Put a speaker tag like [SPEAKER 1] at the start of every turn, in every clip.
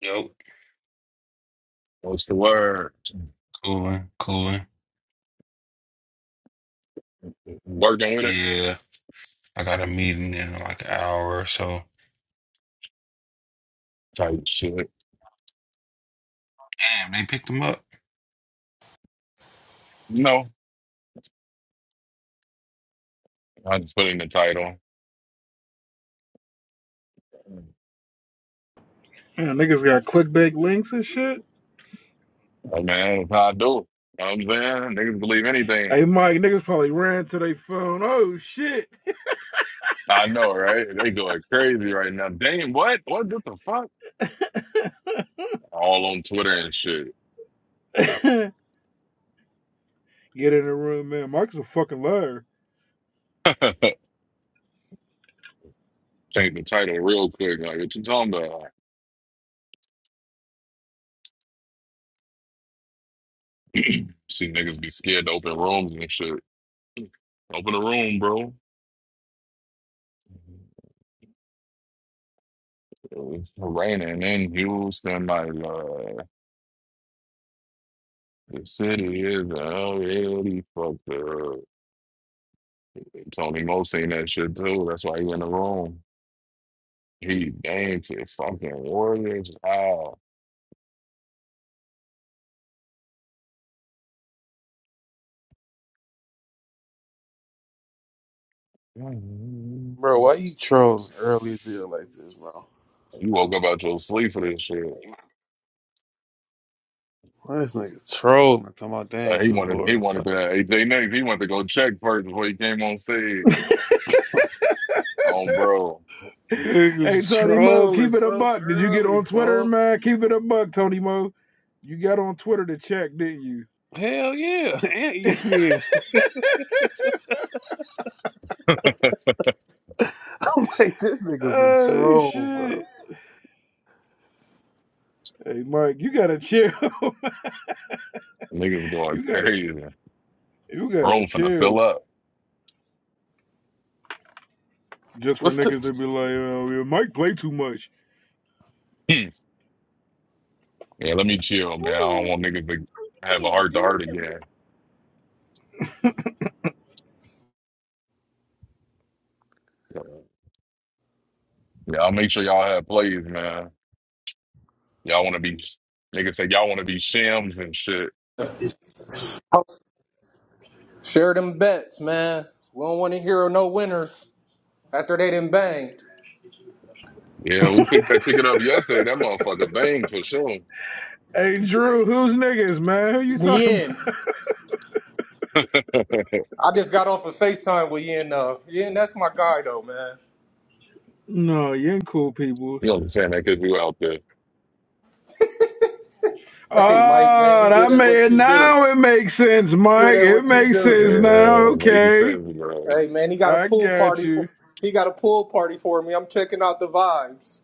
[SPEAKER 1] Yo,
[SPEAKER 2] What's the word?
[SPEAKER 1] cooling, cooling.
[SPEAKER 2] Working with it
[SPEAKER 1] Yeah, I got a meeting in like an hour or so.
[SPEAKER 2] type shit.
[SPEAKER 1] Damn, they picked him up.
[SPEAKER 2] You know, I just put in the title.
[SPEAKER 3] Man, niggas got clickbait links and shit.
[SPEAKER 2] Like, man, that's how I do it. You know what I'm saying? Niggas believe anything.
[SPEAKER 3] Hey, Mike, niggas probably ran to their phone. Oh, shit.
[SPEAKER 2] I know, right? They going crazy right now. Damn, what? What the fuck? All on Twitter and shit.
[SPEAKER 3] Get in the room, man. Mike's a fucking liar.
[SPEAKER 2] Change the title real quick. Like, what you talking about? See niggas be scared to open rooms and shit. Open a room, bro. It's raining in Houston, my love. The city is a hell fucked up. Tony Mo seen that shit too. That's why he in the room. He damn shit, fucking Warriors. Wow. You
[SPEAKER 4] Bro, why you trolling early as hell like this, bro?
[SPEAKER 2] woke up out your sleep for this shit.
[SPEAKER 4] Why this nigga trolling? Talking about
[SPEAKER 2] Uh,
[SPEAKER 4] dang
[SPEAKER 2] he
[SPEAKER 4] to the
[SPEAKER 2] wanted he
[SPEAKER 4] Warriors.
[SPEAKER 2] wanted
[SPEAKER 4] Stop.
[SPEAKER 2] to eight day next. He wanted to go check first before he came on stage.
[SPEAKER 3] hey,
[SPEAKER 2] Oh bro.
[SPEAKER 4] Niggas
[SPEAKER 3] Tony Mo,
[SPEAKER 4] trolling
[SPEAKER 3] keep it a
[SPEAKER 4] so
[SPEAKER 3] buck. Did you get
[SPEAKER 4] early,
[SPEAKER 3] on Twitter,
[SPEAKER 4] folks.
[SPEAKER 3] man? Keep it a buck, Tony Mo. You got on Twitter to check, didn't you?
[SPEAKER 4] Hell yeah. And ESPN. I'm like, this nigga's a
[SPEAKER 3] oh,
[SPEAKER 4] troll,
[SPEAKER 3] shit.
[SPEAKER 4] bro.
[SPEAKER 3] Hey, Mike, you gotta chill.
[SPEAKER 2] Niggas going
[SPEAKER 3] you gotta,
[SPEAKER 2] crazy.
[SPEAKER 3] you gotta
[SPEAKER 2] Room finna
[SPEAKER 3] chill.
[SPEAKER 2] fill up.
[SPEAKER 3] Just for
[SPEAKER 4] What's the
[SPEAKER 3] niggas
[SPEAKER 2] Hmm.
[SPEAKER 3] to be like, uh, Mike play too much.
[SPEAKER 2] yeah, let me chill, man. I don't want niggas to have a heart to heart again. Yeah, I'll make sure y'all have plays, man. Y'all want to be nigga. say y'all want to be shims and shit.
[SPEAKER 5] Oh, Share them bets, man. We don't want to hear no winners after they done banged.
[SPEAKER 2] Yeah, who picked that ticket up yesterday? That motherfucker banged for sure.
[SPEAKER 3] hey Drew, who's niggas, man? Who you talking about?
[SPEAKER 5] Yin,
[SPEAKER 2] you
[SPEAKER 5] I just got off of FaceTime with Yin. Uh, Yin, that's my guy though, man.
[SPEAKER 3] no, you ain't cool people.
[SPEAKER 2] know what I'm saying? That could be out there.
[SPEAKER 5] Hey, Mike, man,
[SPEAKER 3] Oh,
[SPEAKER 5] you good
[SPEAKER 3] that
[SPEAKER 5] at what
[SPEAKER 3] made
[SPEAKER 5] you do.
[SPEAKER 3] now it makes sense,
[SPEAKER 5] Good
[SPEAKER 3] Mike.
[SPEAKER 5] at
[SPEAKER 3] It
[SPEAKER 5] what you
[SPEAKER 3] makes
[SPEAKER 5] do.
[SPEAKER 3] sense now.
[SPEAKER 2] Yeah, making
[SPEAKER 3] Okay,
[SPEAKER 2] sense, bro.
[SPEAKER 5] Hey, man, he got a
[SPEAKER 3] I
[SPEAKER 5] pool
[SPEAKER 3] got
[SPEAKER 5] party for
[SPEAKER 3] you.
[SPEAKER 5] he got a pool party for me. I'm checking out the vibes.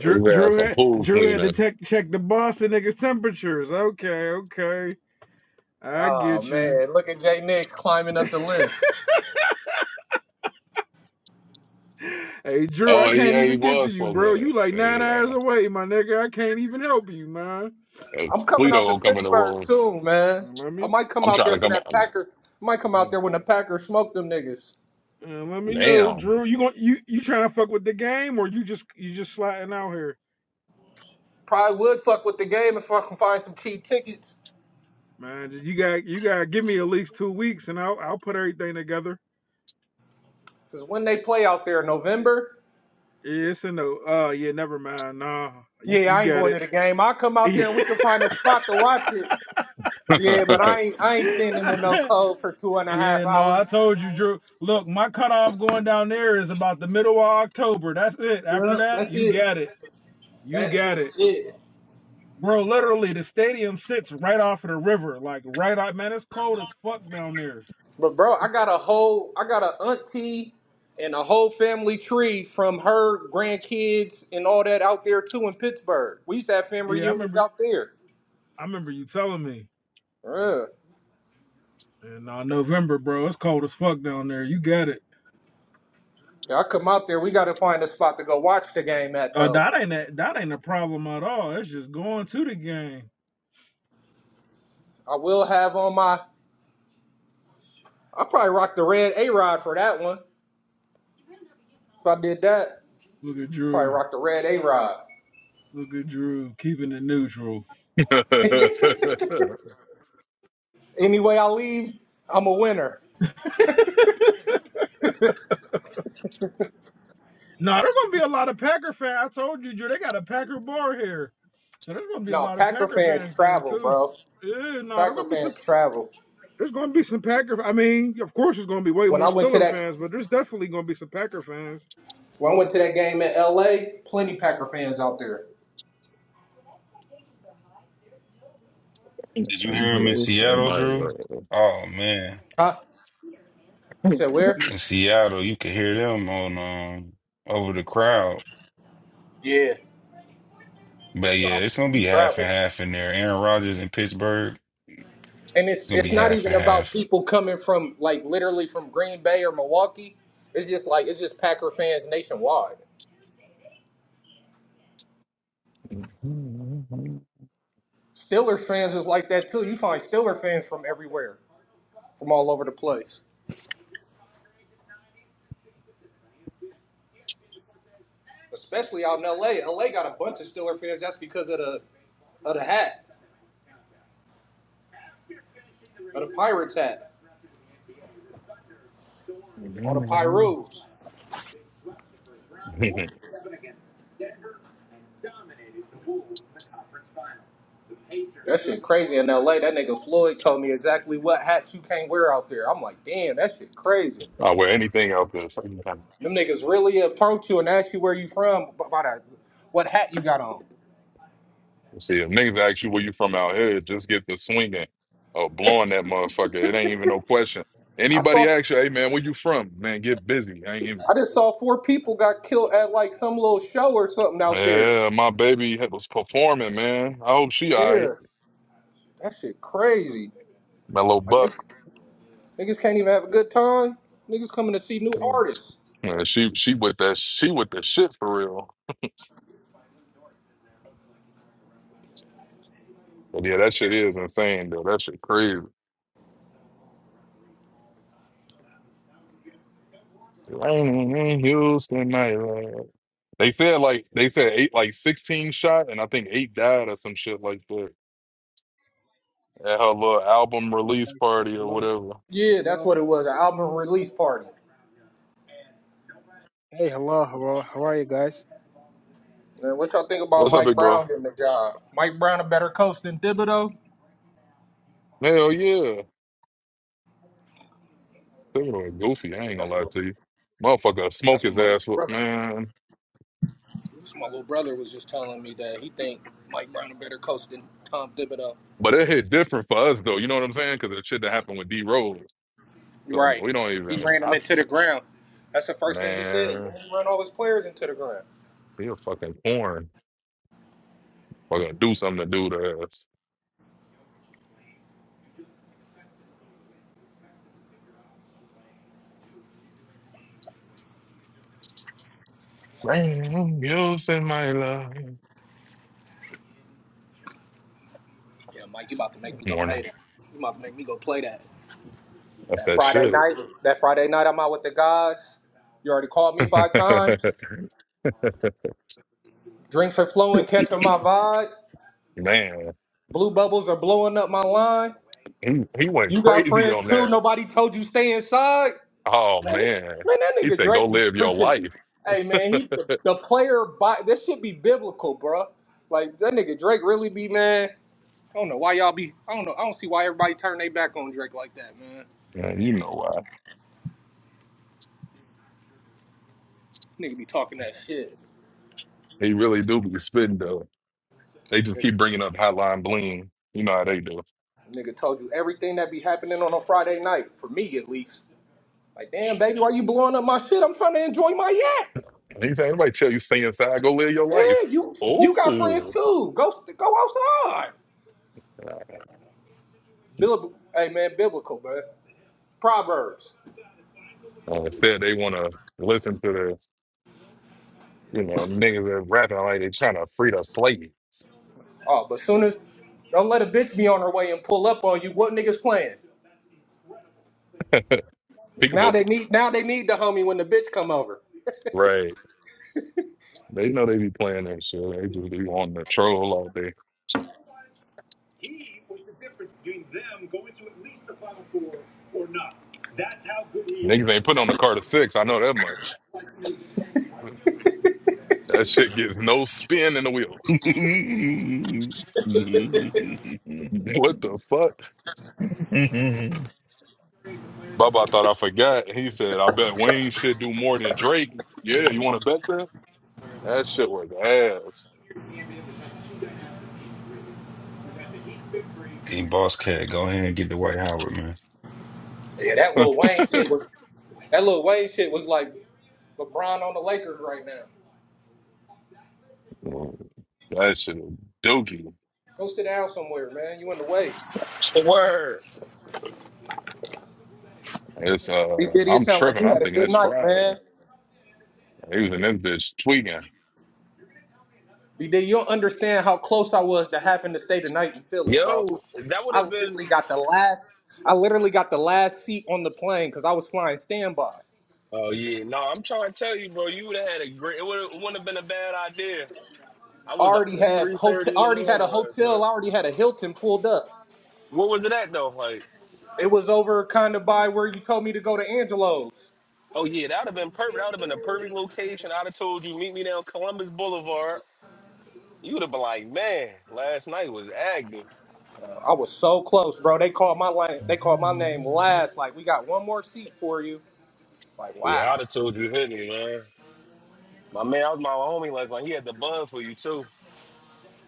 [SPEAKER 3] Drew,
[SPEAKER 2] His
[SPEAKER 3] Drew
[SPEAKER 2] ass a
[SPEAKER 3] had
[SPEAKER 2] pool
[SPEAKER 3] Drew had to
[SPEAKER 2] cleaner.
[SPEAKER 3] check check the Boston niggas temperatures. Okay, okay, I
[SPEAKER 5] Oh
[SPEAKER 3] get you.
[SPEAKER 5] man, look at Jay Nick climbing up the list.
[SPEAKER 3] Hey Drew,
[SPEAKER 2] Oh
[SPEAKER 3] I can't
[SPEAKER 2] yeah, he
[SPEAKER 3] even get to
[SPEAKER 2] was
[SPEAKER 3] you,
[SPEAKER 2] supposed
[SPEAKER 3] bro.
[SPEAKER 2] to.
[SPEAKER 3] You like nine hours
[SPEAKER 2] Yeah,
[SPEAKER 3] away, my nigga. I can't even help you, man.
[SPEAKER 2] Uh,
[SPEAKER 5] I'm coming
[SPEAKER 2] Fleeto
[SPEAKER 5] out to
[SPEAKER 2] gonna come in the
[SPEAKER 5] Pittsburgh
[SPEAKER 2] room.
[SPEAKER 5] soon, man.
[SPEAKER 3] Uh, Let
[SPEAKER 5] I
[SPEAKER 3] me
[SPEAKER 5] might come
[SPEAKER 2] I'm
[SPEAKER 5] out there
[SPEAKER 2] trying to
[SPEAKER 5] for
[SPEAKER 2] come.
[SPEAKER 5] that
[SPEAKER 2] out.
[SPEAKER 5] Packers. I might come out there when the Packers smoke them niggas.
[SPEAKER 3] uh, let me know,
[SPEAKER 2] Damn.
[SPEAKER 3] Drew. You gon' you you trying to fuck with the game or you just you just sliding out here,
[SPEAKER 5] Probably would fuck with the game if I can find some cheap tickets.
[SPEAKER 3] man? You got you got to give me at least two weeks and I'll I'll put everything together.
[SPEAKER 5] Cause when they play out there in November,
[SPEAKER 3] Yes it's no. Uh, yeah, never mind. Nah, you
[SPEAKER 5] yeah,
[SPEAKER 3] you
[SPEAKER 5] I ain't
[SPEAKER 3] got
[SPEAKER 5] going
[SPEAKER 3] it.
[SPEAKER 5] to the game. I'll come out there and we can find a spot to watch it. Yeah, but I ain't I ain't standing in no cold for two and a half
[SPEAKER 3] Yeah, no, I
[SPEAKER 5] hours.
[SPEAKER 3] told you, Drew. Look, my cutoff going down there is about the middle of October. That's it. After
[SPEAKER 5] Yeah,
[SPEAKER 3] that,
[SPEAKER 5] that's
[SPEAKER 3] you
[SPEAKER 5] it.
[SPEAKER 3] got it. You
[SPEAKER 5] That
[SPEAKER 3] got it.
[SPEAKER 5] is it.
[SPEAKER 3] Bro, literally, the stadium sits right off of the river. Like, right out. Man, it's cold as fuck down there.
[SPEAKER 5] But bro, I got a whole I got a auntie and a whole family tree from her grandkids and all that out there too in Pittsburgh. We used to have family
[SPEAKER 3] Yeah, I
[SPEAKER 5] reunions
[SPEAKER 3] remember
[SPEAKER 5] out there.
[SPEAKER 3] I remember you telling me.
[SPEAKER 5] Yeah.
[SPEAKER 3] And uh, November, bro, it's cold as fuck down there. You got it.
[SPEAKER 5] Yeah, I come out there. We got to find a spot to go watch the game at,
[SPEAKER 3] Uh,
[SPEAKER 5] though.
[SPEAKER 3] that ain't a, that ain't a problem at all. It's just going to the game.
[SPEAKER 5] I will have on my. I probably rock the red A Rod for that one. If I did that,
[SPEAKER 3] Look at
[SPEAKER 5] probably
[SPEAKER 3] Drew.
[SPEAKER 5] rock the red A Rod.
[SPEAKER 3] Look at Drew keeping it neutral.
[SPEAKER 5] Anyway, I leave. I'm a winner.
[SPEAKER 3] No, there's gonna be a lot of Packer fans. I told you, Drew, they got a Packer bar here, so there's gonna be a
[SPEAKER 5] No,
[SPEAKER 3] lot of
[SPEAKER 5] Packer
[SPEAKER 3] Packer
[SPEAKER 5] fans
[SPEAKER 3] fans there
[SPEAKER 5] travel,
[SPEAKER 3] too.
[SPEAKER 5] bro.
[SPEAKER 3] Yeah, no, there's
[SPEAKER 5] Packer
[SPEAKER 3] gonna be some.
[SPEAKER 5] fans travel.
[SPEAKER 3] There's gonna be some Packer. I mean, of course, there's gonna be way
[SPEAKER 5] When I
[SPEAKER 3] more
[SPEAKER 5] went to
[SPEAKER 3] Stiller
[SPEAKER 5] that,
[SPEAKER 3] fans, but there's definitely gonna be some Packer fans.
[SPEAKER 5] when I went to that game in L.A., plenty Packer fans out there.
[SPEAKER 1] Did you hear him in Seattle, Drew? Oh man,
[SPEAKER 5] Huh? You said where?
[SPEAKER 1] in Seattle, you could hear them on um over the crowd. But yeah, it's gonna be half and half in there. Aaron Rodgers in Pittsburgh,
[SPEAKER 5] And
[SPEAKER 1] it's
[SPEAKER 5] it's
[SPEAKER 1] gonna be
[SPEAKER 5] it's not
[SPEAKER 1] half and
[SPEAKER 5] even about
[SPEAKER 1] half.
[SPEAKER 5] people coming from like literally from Green Bay or Milwaukee. It's just like it's just Packer fans nationwide. Steelers fans is like that too. You find Steelers fans from everywhere, from all over the place. Especially out in LA. LA got a bunch of Steelers fans. That's because of the of the hat, of the Pirates hat, or the Pyros. That shit crazy in LA. That nigga Floyd told me exactly what hats you can't wear out there. I'm like, damn, that shit crazy.
[SPEAKER 2] Uh, where anything else is. See,
[SPEAKER 5] Them niggas really approach you and ask you where you from by the, what hat you got on.
[SPEAKER 2] if niggas ask you where you from out here, just get the swinging or blowing that motherfucker. It ain't even no question.
[SPEAKER 5] I saw,
[SPEAKER 2] Anybody ask you, hey man, where you from? Man, get busy. I ain't even...
[SPEAKER 5] I just saw four people got killed at like some little show or something out there.
[SPEAKER 2] Yeah, my baby was performing, man. I hope she all right.
[SPEAKER 5] Yeah, that shit crazy.
[SPEAKER 2] My little
[SPEAKER 5] Like
[SPEAKER 2] buck.
[SPEAKER 5] niggas, niggas can't even have a good time. Niggas coming to see new artists.
[SPEAKER 2] Yeah, she she with that she with the shit for real. But yeah, that shit is insane though. That shit crazy. Raining in Houston, night. They said like they said eight like sixteen shot and I think eight died or some shit like that. At her little album release party or
[SPEAKER 6] Hello,
[SPEAKER 2] whatever.
[SPEAKER 5] Yeah, that's
[SPEAKER 6] hello.
[SPEAKER 5] what it was, an album release party.
[SPEAKER 6] Hey, hello. How are, how are you guys?
[SPEAKER 5] Man, what y'all think about
[SPEAKER 2] What's up,
[SPEAKER 5] Mike
[SPEAKER 2] big bro?
[SPEAKER 5] Brown getting the job? Mike Brown a better coach than Thibodeau?
[SPEAKER 2] Hell yeah. That like goofy. I
[SPEAKER 5] Yeah,
[SPEAKER 2] ain't gonna
[SPEAKER 5] that's
[SPEAKER 2] lie
[SPEAKER 5] what,
[SPEAKER 2] to you. Motherfucker, smoke
[SPEAKER 5] that's what
[SPEAKER 2] his
[SPEAKER 5] my little
[SPEAKER 2] ass, with-
[SPEAKER 5] brother.
[SPEAKER 2] man.
[SPEAKER 5] That's what my little brother was just telling me that he think Mike Brown a better coach than Tom Thibodeau.
[SPEAKER 2] But it hit different for us though. You know what I'm saying? Because it shit that happened with D Rose. So no,
[SPEAKER 5] Right.
[SPEAKER 2] we don't
[SPEAKER 5] He
[SPEAKER 2] even.
[SPEAKER 5] ran them
[SPEAKER 2] I
[SPEAKER 5] into the ground. That's the first thing he said.
[SPEAKER 2] man,
[SPEAKER 5] He ran all his players into the ground.
[SPEAKER 2] be a fucking porn. Fucking do something to do to us. Man, i in my life.
[SPEAKER 5] Yeah, Mike, you about to make me go pay
[SPEAKER 2] Morning.
[SPEAKER 5] that. You about to make me go play that.
[SPEAKER 2] That's
[SPEAKER 5] That
[SPEAKER 2] that
[SPEAKER 5] Friday
[SPEAKER 2] shit.
[SPEAKER 5] night. That Friday night I'm out with the guys. You already called me five times. Drinks are flowing, catching my vibe.
[SPEAKER 2] man,
[SPEAKER 5] Blue bubbles are blowing up my line.
[SPEAKER 2] he he went
[SPEAKER 5] You got
[SPEAKER 2] crazy on
[SPEAKER 5] friends too.
[SPEAKER 2] that.
[SPEAKER 5] Nobody told you stay inside.
[SPEAKER 2] Oh
[SPEAKER 5] Man, man,
[SPEAKER 2] man.
[SPEAKER 5] that
[SPEAKER 2] He
[SPEAKER 5] nigga
[SPEAKER 2] said, go
[SPEAKER 5] Drake be
[SPEAKER 2] live your
[SPEAKER 5] preaching.
[SPEAKER 2] life.
[SPEAKER 5] Hey man, he the, the player by this should be biblical, bruh. Like that nigga Drake really be man. I don't know why y'all be. I don't know. I don't see why everybody turn their back on Drake like that, man.
[SPEAKER 2] Man, you know why.
[SPEAKER 5] Nigga be talking that shit.
[SPEAKER 2] He really do be spitting though. They just
[SPEAKER 5] Nigga,
[SPEAKER 2] keep bringing up Hotline Bling. You know how they do.
[SPEAKER 5] nigga told you everything that be happening on a Friday night for me at least. Like, damn, baby, why you blowing up my shit? I'm trying to enjoy my yak.
[SPEAKER 2] And he said, anybody tell you stay inside, go live your life.
[SPEAKER 5] Yeah, you you got friends
[SPEAKER 2] Oh.
[SPEAKER 5] too. Go go outside.
[SPEAKER 2] Uh,
[SPEAKER 5] Bib- hey man, biblical, man. Proverbs.
[SPEAKER 2] instead, they want to listen to the, you know, niggas that rapping like they trying to free the slaves.
[SPEAKER 5] Oh, but soon as don't let a bitch be on her way and pull up on you. What niggas playing? Now
[SPEAKER 2] Peekaboo.
[SPEAKER 5] they need now they need the homie when the bitch come over.
[SPEAKER 2] Right. They know they be playing that shit. They just be on the troll all day. Niggas ain't putting on the Carter Six. I know that much. That shit gets no spin in the wheels. What the fuck? Baba thought I forgot. He said, I bet Wayne should do more than Drake. Yeah, you want to bet that? That shit was ass.
[SPEAKER 1] Hey, boss cat, go ahead and get the White Howard,
[SPEAKER 5] Yeah, that little Wayne shit was That little Wayne shit was like LeBron on the Lakers right now.
[SPEAKER 2] that shit was dookie.
[SPEAKER 5] Go sit down somewhere, man. You in the way.
[SPEAKER 7] Word.
[SPEAKER 2] It's,
[SPEAKER 5] B
[SPEAKER 2] uh,
[SPEAKER 5] Diddy, it
[SPEAKER 2] I'm
[SPEAKER 5] sound like
[SPEAKER 2] tripping.
[SPEAKER 5] you
[SPEAKER 2] I'm
[SPEAKER 5] had a
[SPEAKER 2] thinking
[SPEAKER 5] good
[SPEAKER 2] it's
[SPEAKER 5] night,
[SPEAKER 2] Friday.
[SPEAKER 5] man.
[SPEAKER 2] He was in this bitch tweaking.
[SPEAKER 5] B Diddy, you don't understand how close I was to having to stay the night in Philly, bro.
[SPEAKER 7] Yo, that would
[SPEAKER 5] I
[SPEAKER 7] have been.
[SPEAKER 5] literally got the last. I literally got the last seat on the plane because I was flying standby.
[SPEAKER 7] Oh yeah, no, I'm trying to tell you, bro. You would have had a great. It would. It wouldn't have been a bad idea. I was out
[SPEAKER 5] Already
[SPEAKER 7] there
[SPEAKER 5] had
[SPEAKER 7] three
[SPEAKER 5] hotel.
[SPEAKER 7] thirty in the
[SPEAKER 5] Already had a
[SPEAKER 7] morning last night.
[SPEAKER 5] hotel. Already had a Hilton pulled up.
[SPEAKER 7] What was it at though? Like,
[SPEAKER 5] It was over kind of by where you told me to go to Angelo's.
[SPEAKER 7] oh yeah, that would have been perfect. That would have been a perfect location. I'd have told you meet me down Columbus Boulevard. You would have been like, man, last night was active.
[SPEAKER 5] I was so close, bro. They called my name. They called my name last. Like we got one more seat for you. Like
[SPEAKER 7] Yeah,
[SPEAKER 5] wow.
[SPEAKER 7] I'd have told you hit me, man. My man, I was my homie last night. He had the bun for you too.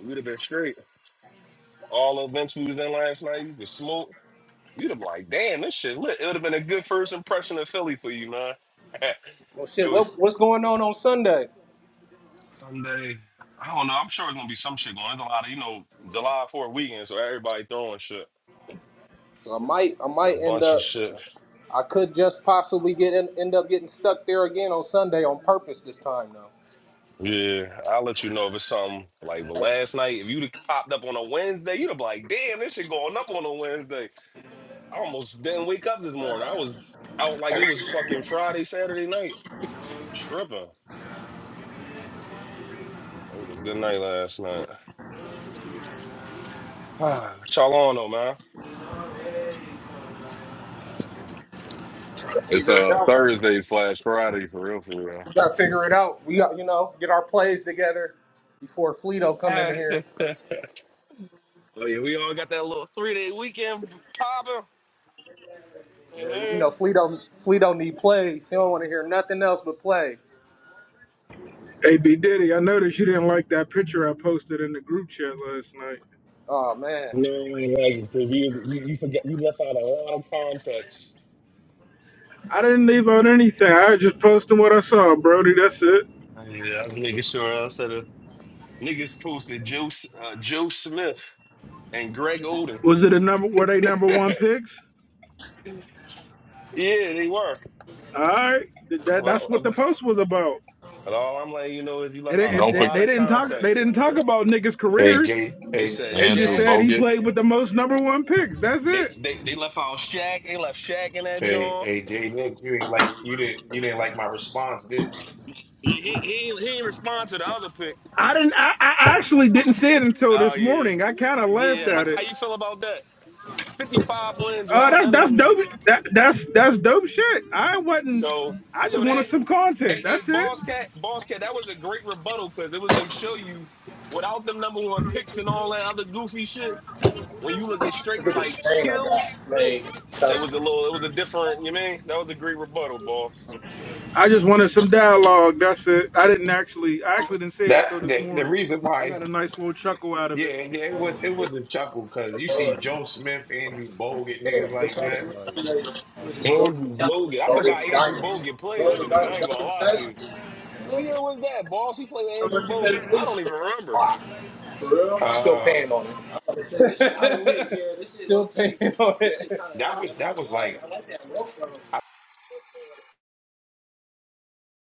[SPEAKER 7] You'd have been straight. All the events we was in last night, you could smoke. You'd have been like, damn, this shit lit. It would have been a good first impression of Philly for you, man.
[SPEAKER 5] Well,
[SPEAKER 7] it
[SPEAKER 5] shit.
[SPEAKER 7] was
[SPEAKER 5] What, what's going on on Sunday?
[SPEAKER 7] Sunday. I don't know. I'm sure it's gonna be some shit going. There's a lot of you know July Fourth weekend, so everybody throwing shit.
[SPEAKER 5] So I might. I
[SPEAKER 7] A
[SPEAKER 5] might end
[SPEAKER 7] bunch of
[SPEAKER 5] up.
[SPEAKER 7] shit.
[SPEAKER 5] I could just possibly get in, end up getting stuck there again on Sunday on purpose this time though.
[SPEAKER 7] Yeah, I'll let you know if it's something like. But last night, if you'd have popped up on a Wednesday, you'd have been like, damn, this shit going up on a Wednesday. I almost didn't wake up this morning. I was out like it was fucking Friday, Saturday night, tripping. It was a good night last night. what y'all on though,
[SPEAKER 2] It's uh Thursday slash Friday for real, for real.
[SPEAKER 5] We gotta figure it out. We got you know get our plays together before Fleeto come in
[SPEAKER 7] man?
[SPEAKER 5] here.
[SPEAKER 7] Oh yeah, we all got that little three day weekend popping. Hey,
[SPEAKER 5] Yeah, you know
[SPEAKER 7] man.
[SPEAKER 5] Fleeto Fleeto need plays. He don't want to hear nothing else but plays.
[SPEAKER 3] Hey, B Diddy, I noticed you didn't like that picture I posted in the group chat last night.
[SPEAKER 5] Oh man.
[SPEAKER 7] No, ain't like because you, was- you you forget you left out a lot of context.
[SPEAKER 3] I didn't leave out anything. I was just posting what I saw, Brody. That's it.
[SPEAKER 7] Oh, Yeah, I was making sure I said it. Niggas posted Joe S- uh, Joe Smith and Greg Oden.
[SPEAKER 3] Was it a number? Were they number one picks?
[SPEAKER 7] Yeah, they were.
[SPEAKER 3] All right, that,
[SPEAKER 7] But,
[SPEAKER 3] that's
[SPEAKER 7] uh,
[SPEAKER 3] what the
[SPEAKER 7] but
[SPEAKER 3] post was about.
[SPEAKER 7] but all I'm letting you know is you
[SPEAKER 3] It,
[SPEAKER 7] left out a
[SPEAKER 3] it,
[SPEAKER 2] Don't
[SPEAKER 3] they,
[SPEAKER 2] forget
[SPEAKER 7] lot
[SPEAKER 3] they
[SPEAKER 7] of
[SPEAKER 3] didn't talk. They
[SPEAKER 7] context.
[SPEAKER 3] didn't talk about niggas'
[SPEAKER 8] Hey
[SPEAKER 3] careers.
[SPEAKER 8] Jay,
[SPEAKER 7] They
[SPEAKER 8] hey,
[SPEAKER 7] said
[SPEAKER 3] They just
[SPEAKER 2] Andrew
[SPEAKER 7] Shaq.
[SPEAKER 3] said he
[SPEAKER 2] Bogut.
[SPEAKER 3] played with the most number one picks. That's
[SPEAKER 7] They
[SPEAKER 3] it.
[SPEAKER 7] they, they left out Shaq. They left Shaq in that
[SPEAKER 8] hey,
[SPEAKER 7] joint.
[SPEAKER 8] hey Jay Nick, you ain't like you didn't you didn't like my response, did you?
[SPEAKER 7] Yeah, he he he didn't respond to the other pick.
[SPEAKER 3] I didn't. I, I actually didn't see it until this
[SPEAKER 7] Oh yeah,
[SPEAKER 3] morning. I kind of laughed
[SPEAKER 7] yeah. How,
[SPEAKER 3] at it.
[SPEAKER 7] how you feel about that? 55 wins
[SPEAKER 3] Uh,
[SPEAKER 7] without
[SPEAKER 3] that's
[SPEAKER 7] none of
[SPEAKER 3] that's
[SPEAKER 7] them niggas.
[SPEAKER 3] dope. That that's that's dope shit. I wasn't.
[SPEAKER 7] So
[SPEAKER 3] I just
[SPEAKER 7] so
[SPEAKER 3] wanted some
[SPEAKER 7] that
[SPEAKER 3] content.
[SPEAKER 7] a a
[SPEAKER 3] That's it.
[SPEAKER 7] boss cat boss cat that was a great rebuttal because it was to show you without them number one picks and all that other goofy shit. When you look at
[SPEAKER 5] Look
[SPEAKER 7] straight
[SPEAKER 5] at this
[SPEAKER 7] like
[SPEAKER 5] pain I
[SPEAKER 7] skills,
[SPEAKER 5] got.
[SPEAKER 7] it was a little it was a different. You mean that was a great rebuttal, boss.
[SPEAKER 3] I just wanted some dialogue. That's it. I didn't actually. I actually didn't see it
[SPEAKER 8] That
[SPEAKER 3] until this
[SPEAKER 8] the, the
[SPEAKER 3] morning.
[SPEAKER 8] reason
[SPEAKER 3] I
[SPEAKER 8] why
[SPEAKER 3] got
[SPEAKER 8] is
[SPEAKER 3] a nice little chuckle out of it.
[SPEAKER 8] yeah, yeah, it was it was a chuckle because you see Joe Smith, Andrew Bogut, niggas like that, like
[SPEAKER 7] Andrew Bogut. I forgot Andrew Bogut played with the nigga. I ain't gonna lie to you. What year was that, boss? He played with Andrew Bogut. I don't even remember.
[SPEAKER 5] Still
[SPEAKER 8] uh
[SPEAKER 5] paying on it. Still paying on it.
[SPEAKER 8] that was that was like
[SPEAKER 5] like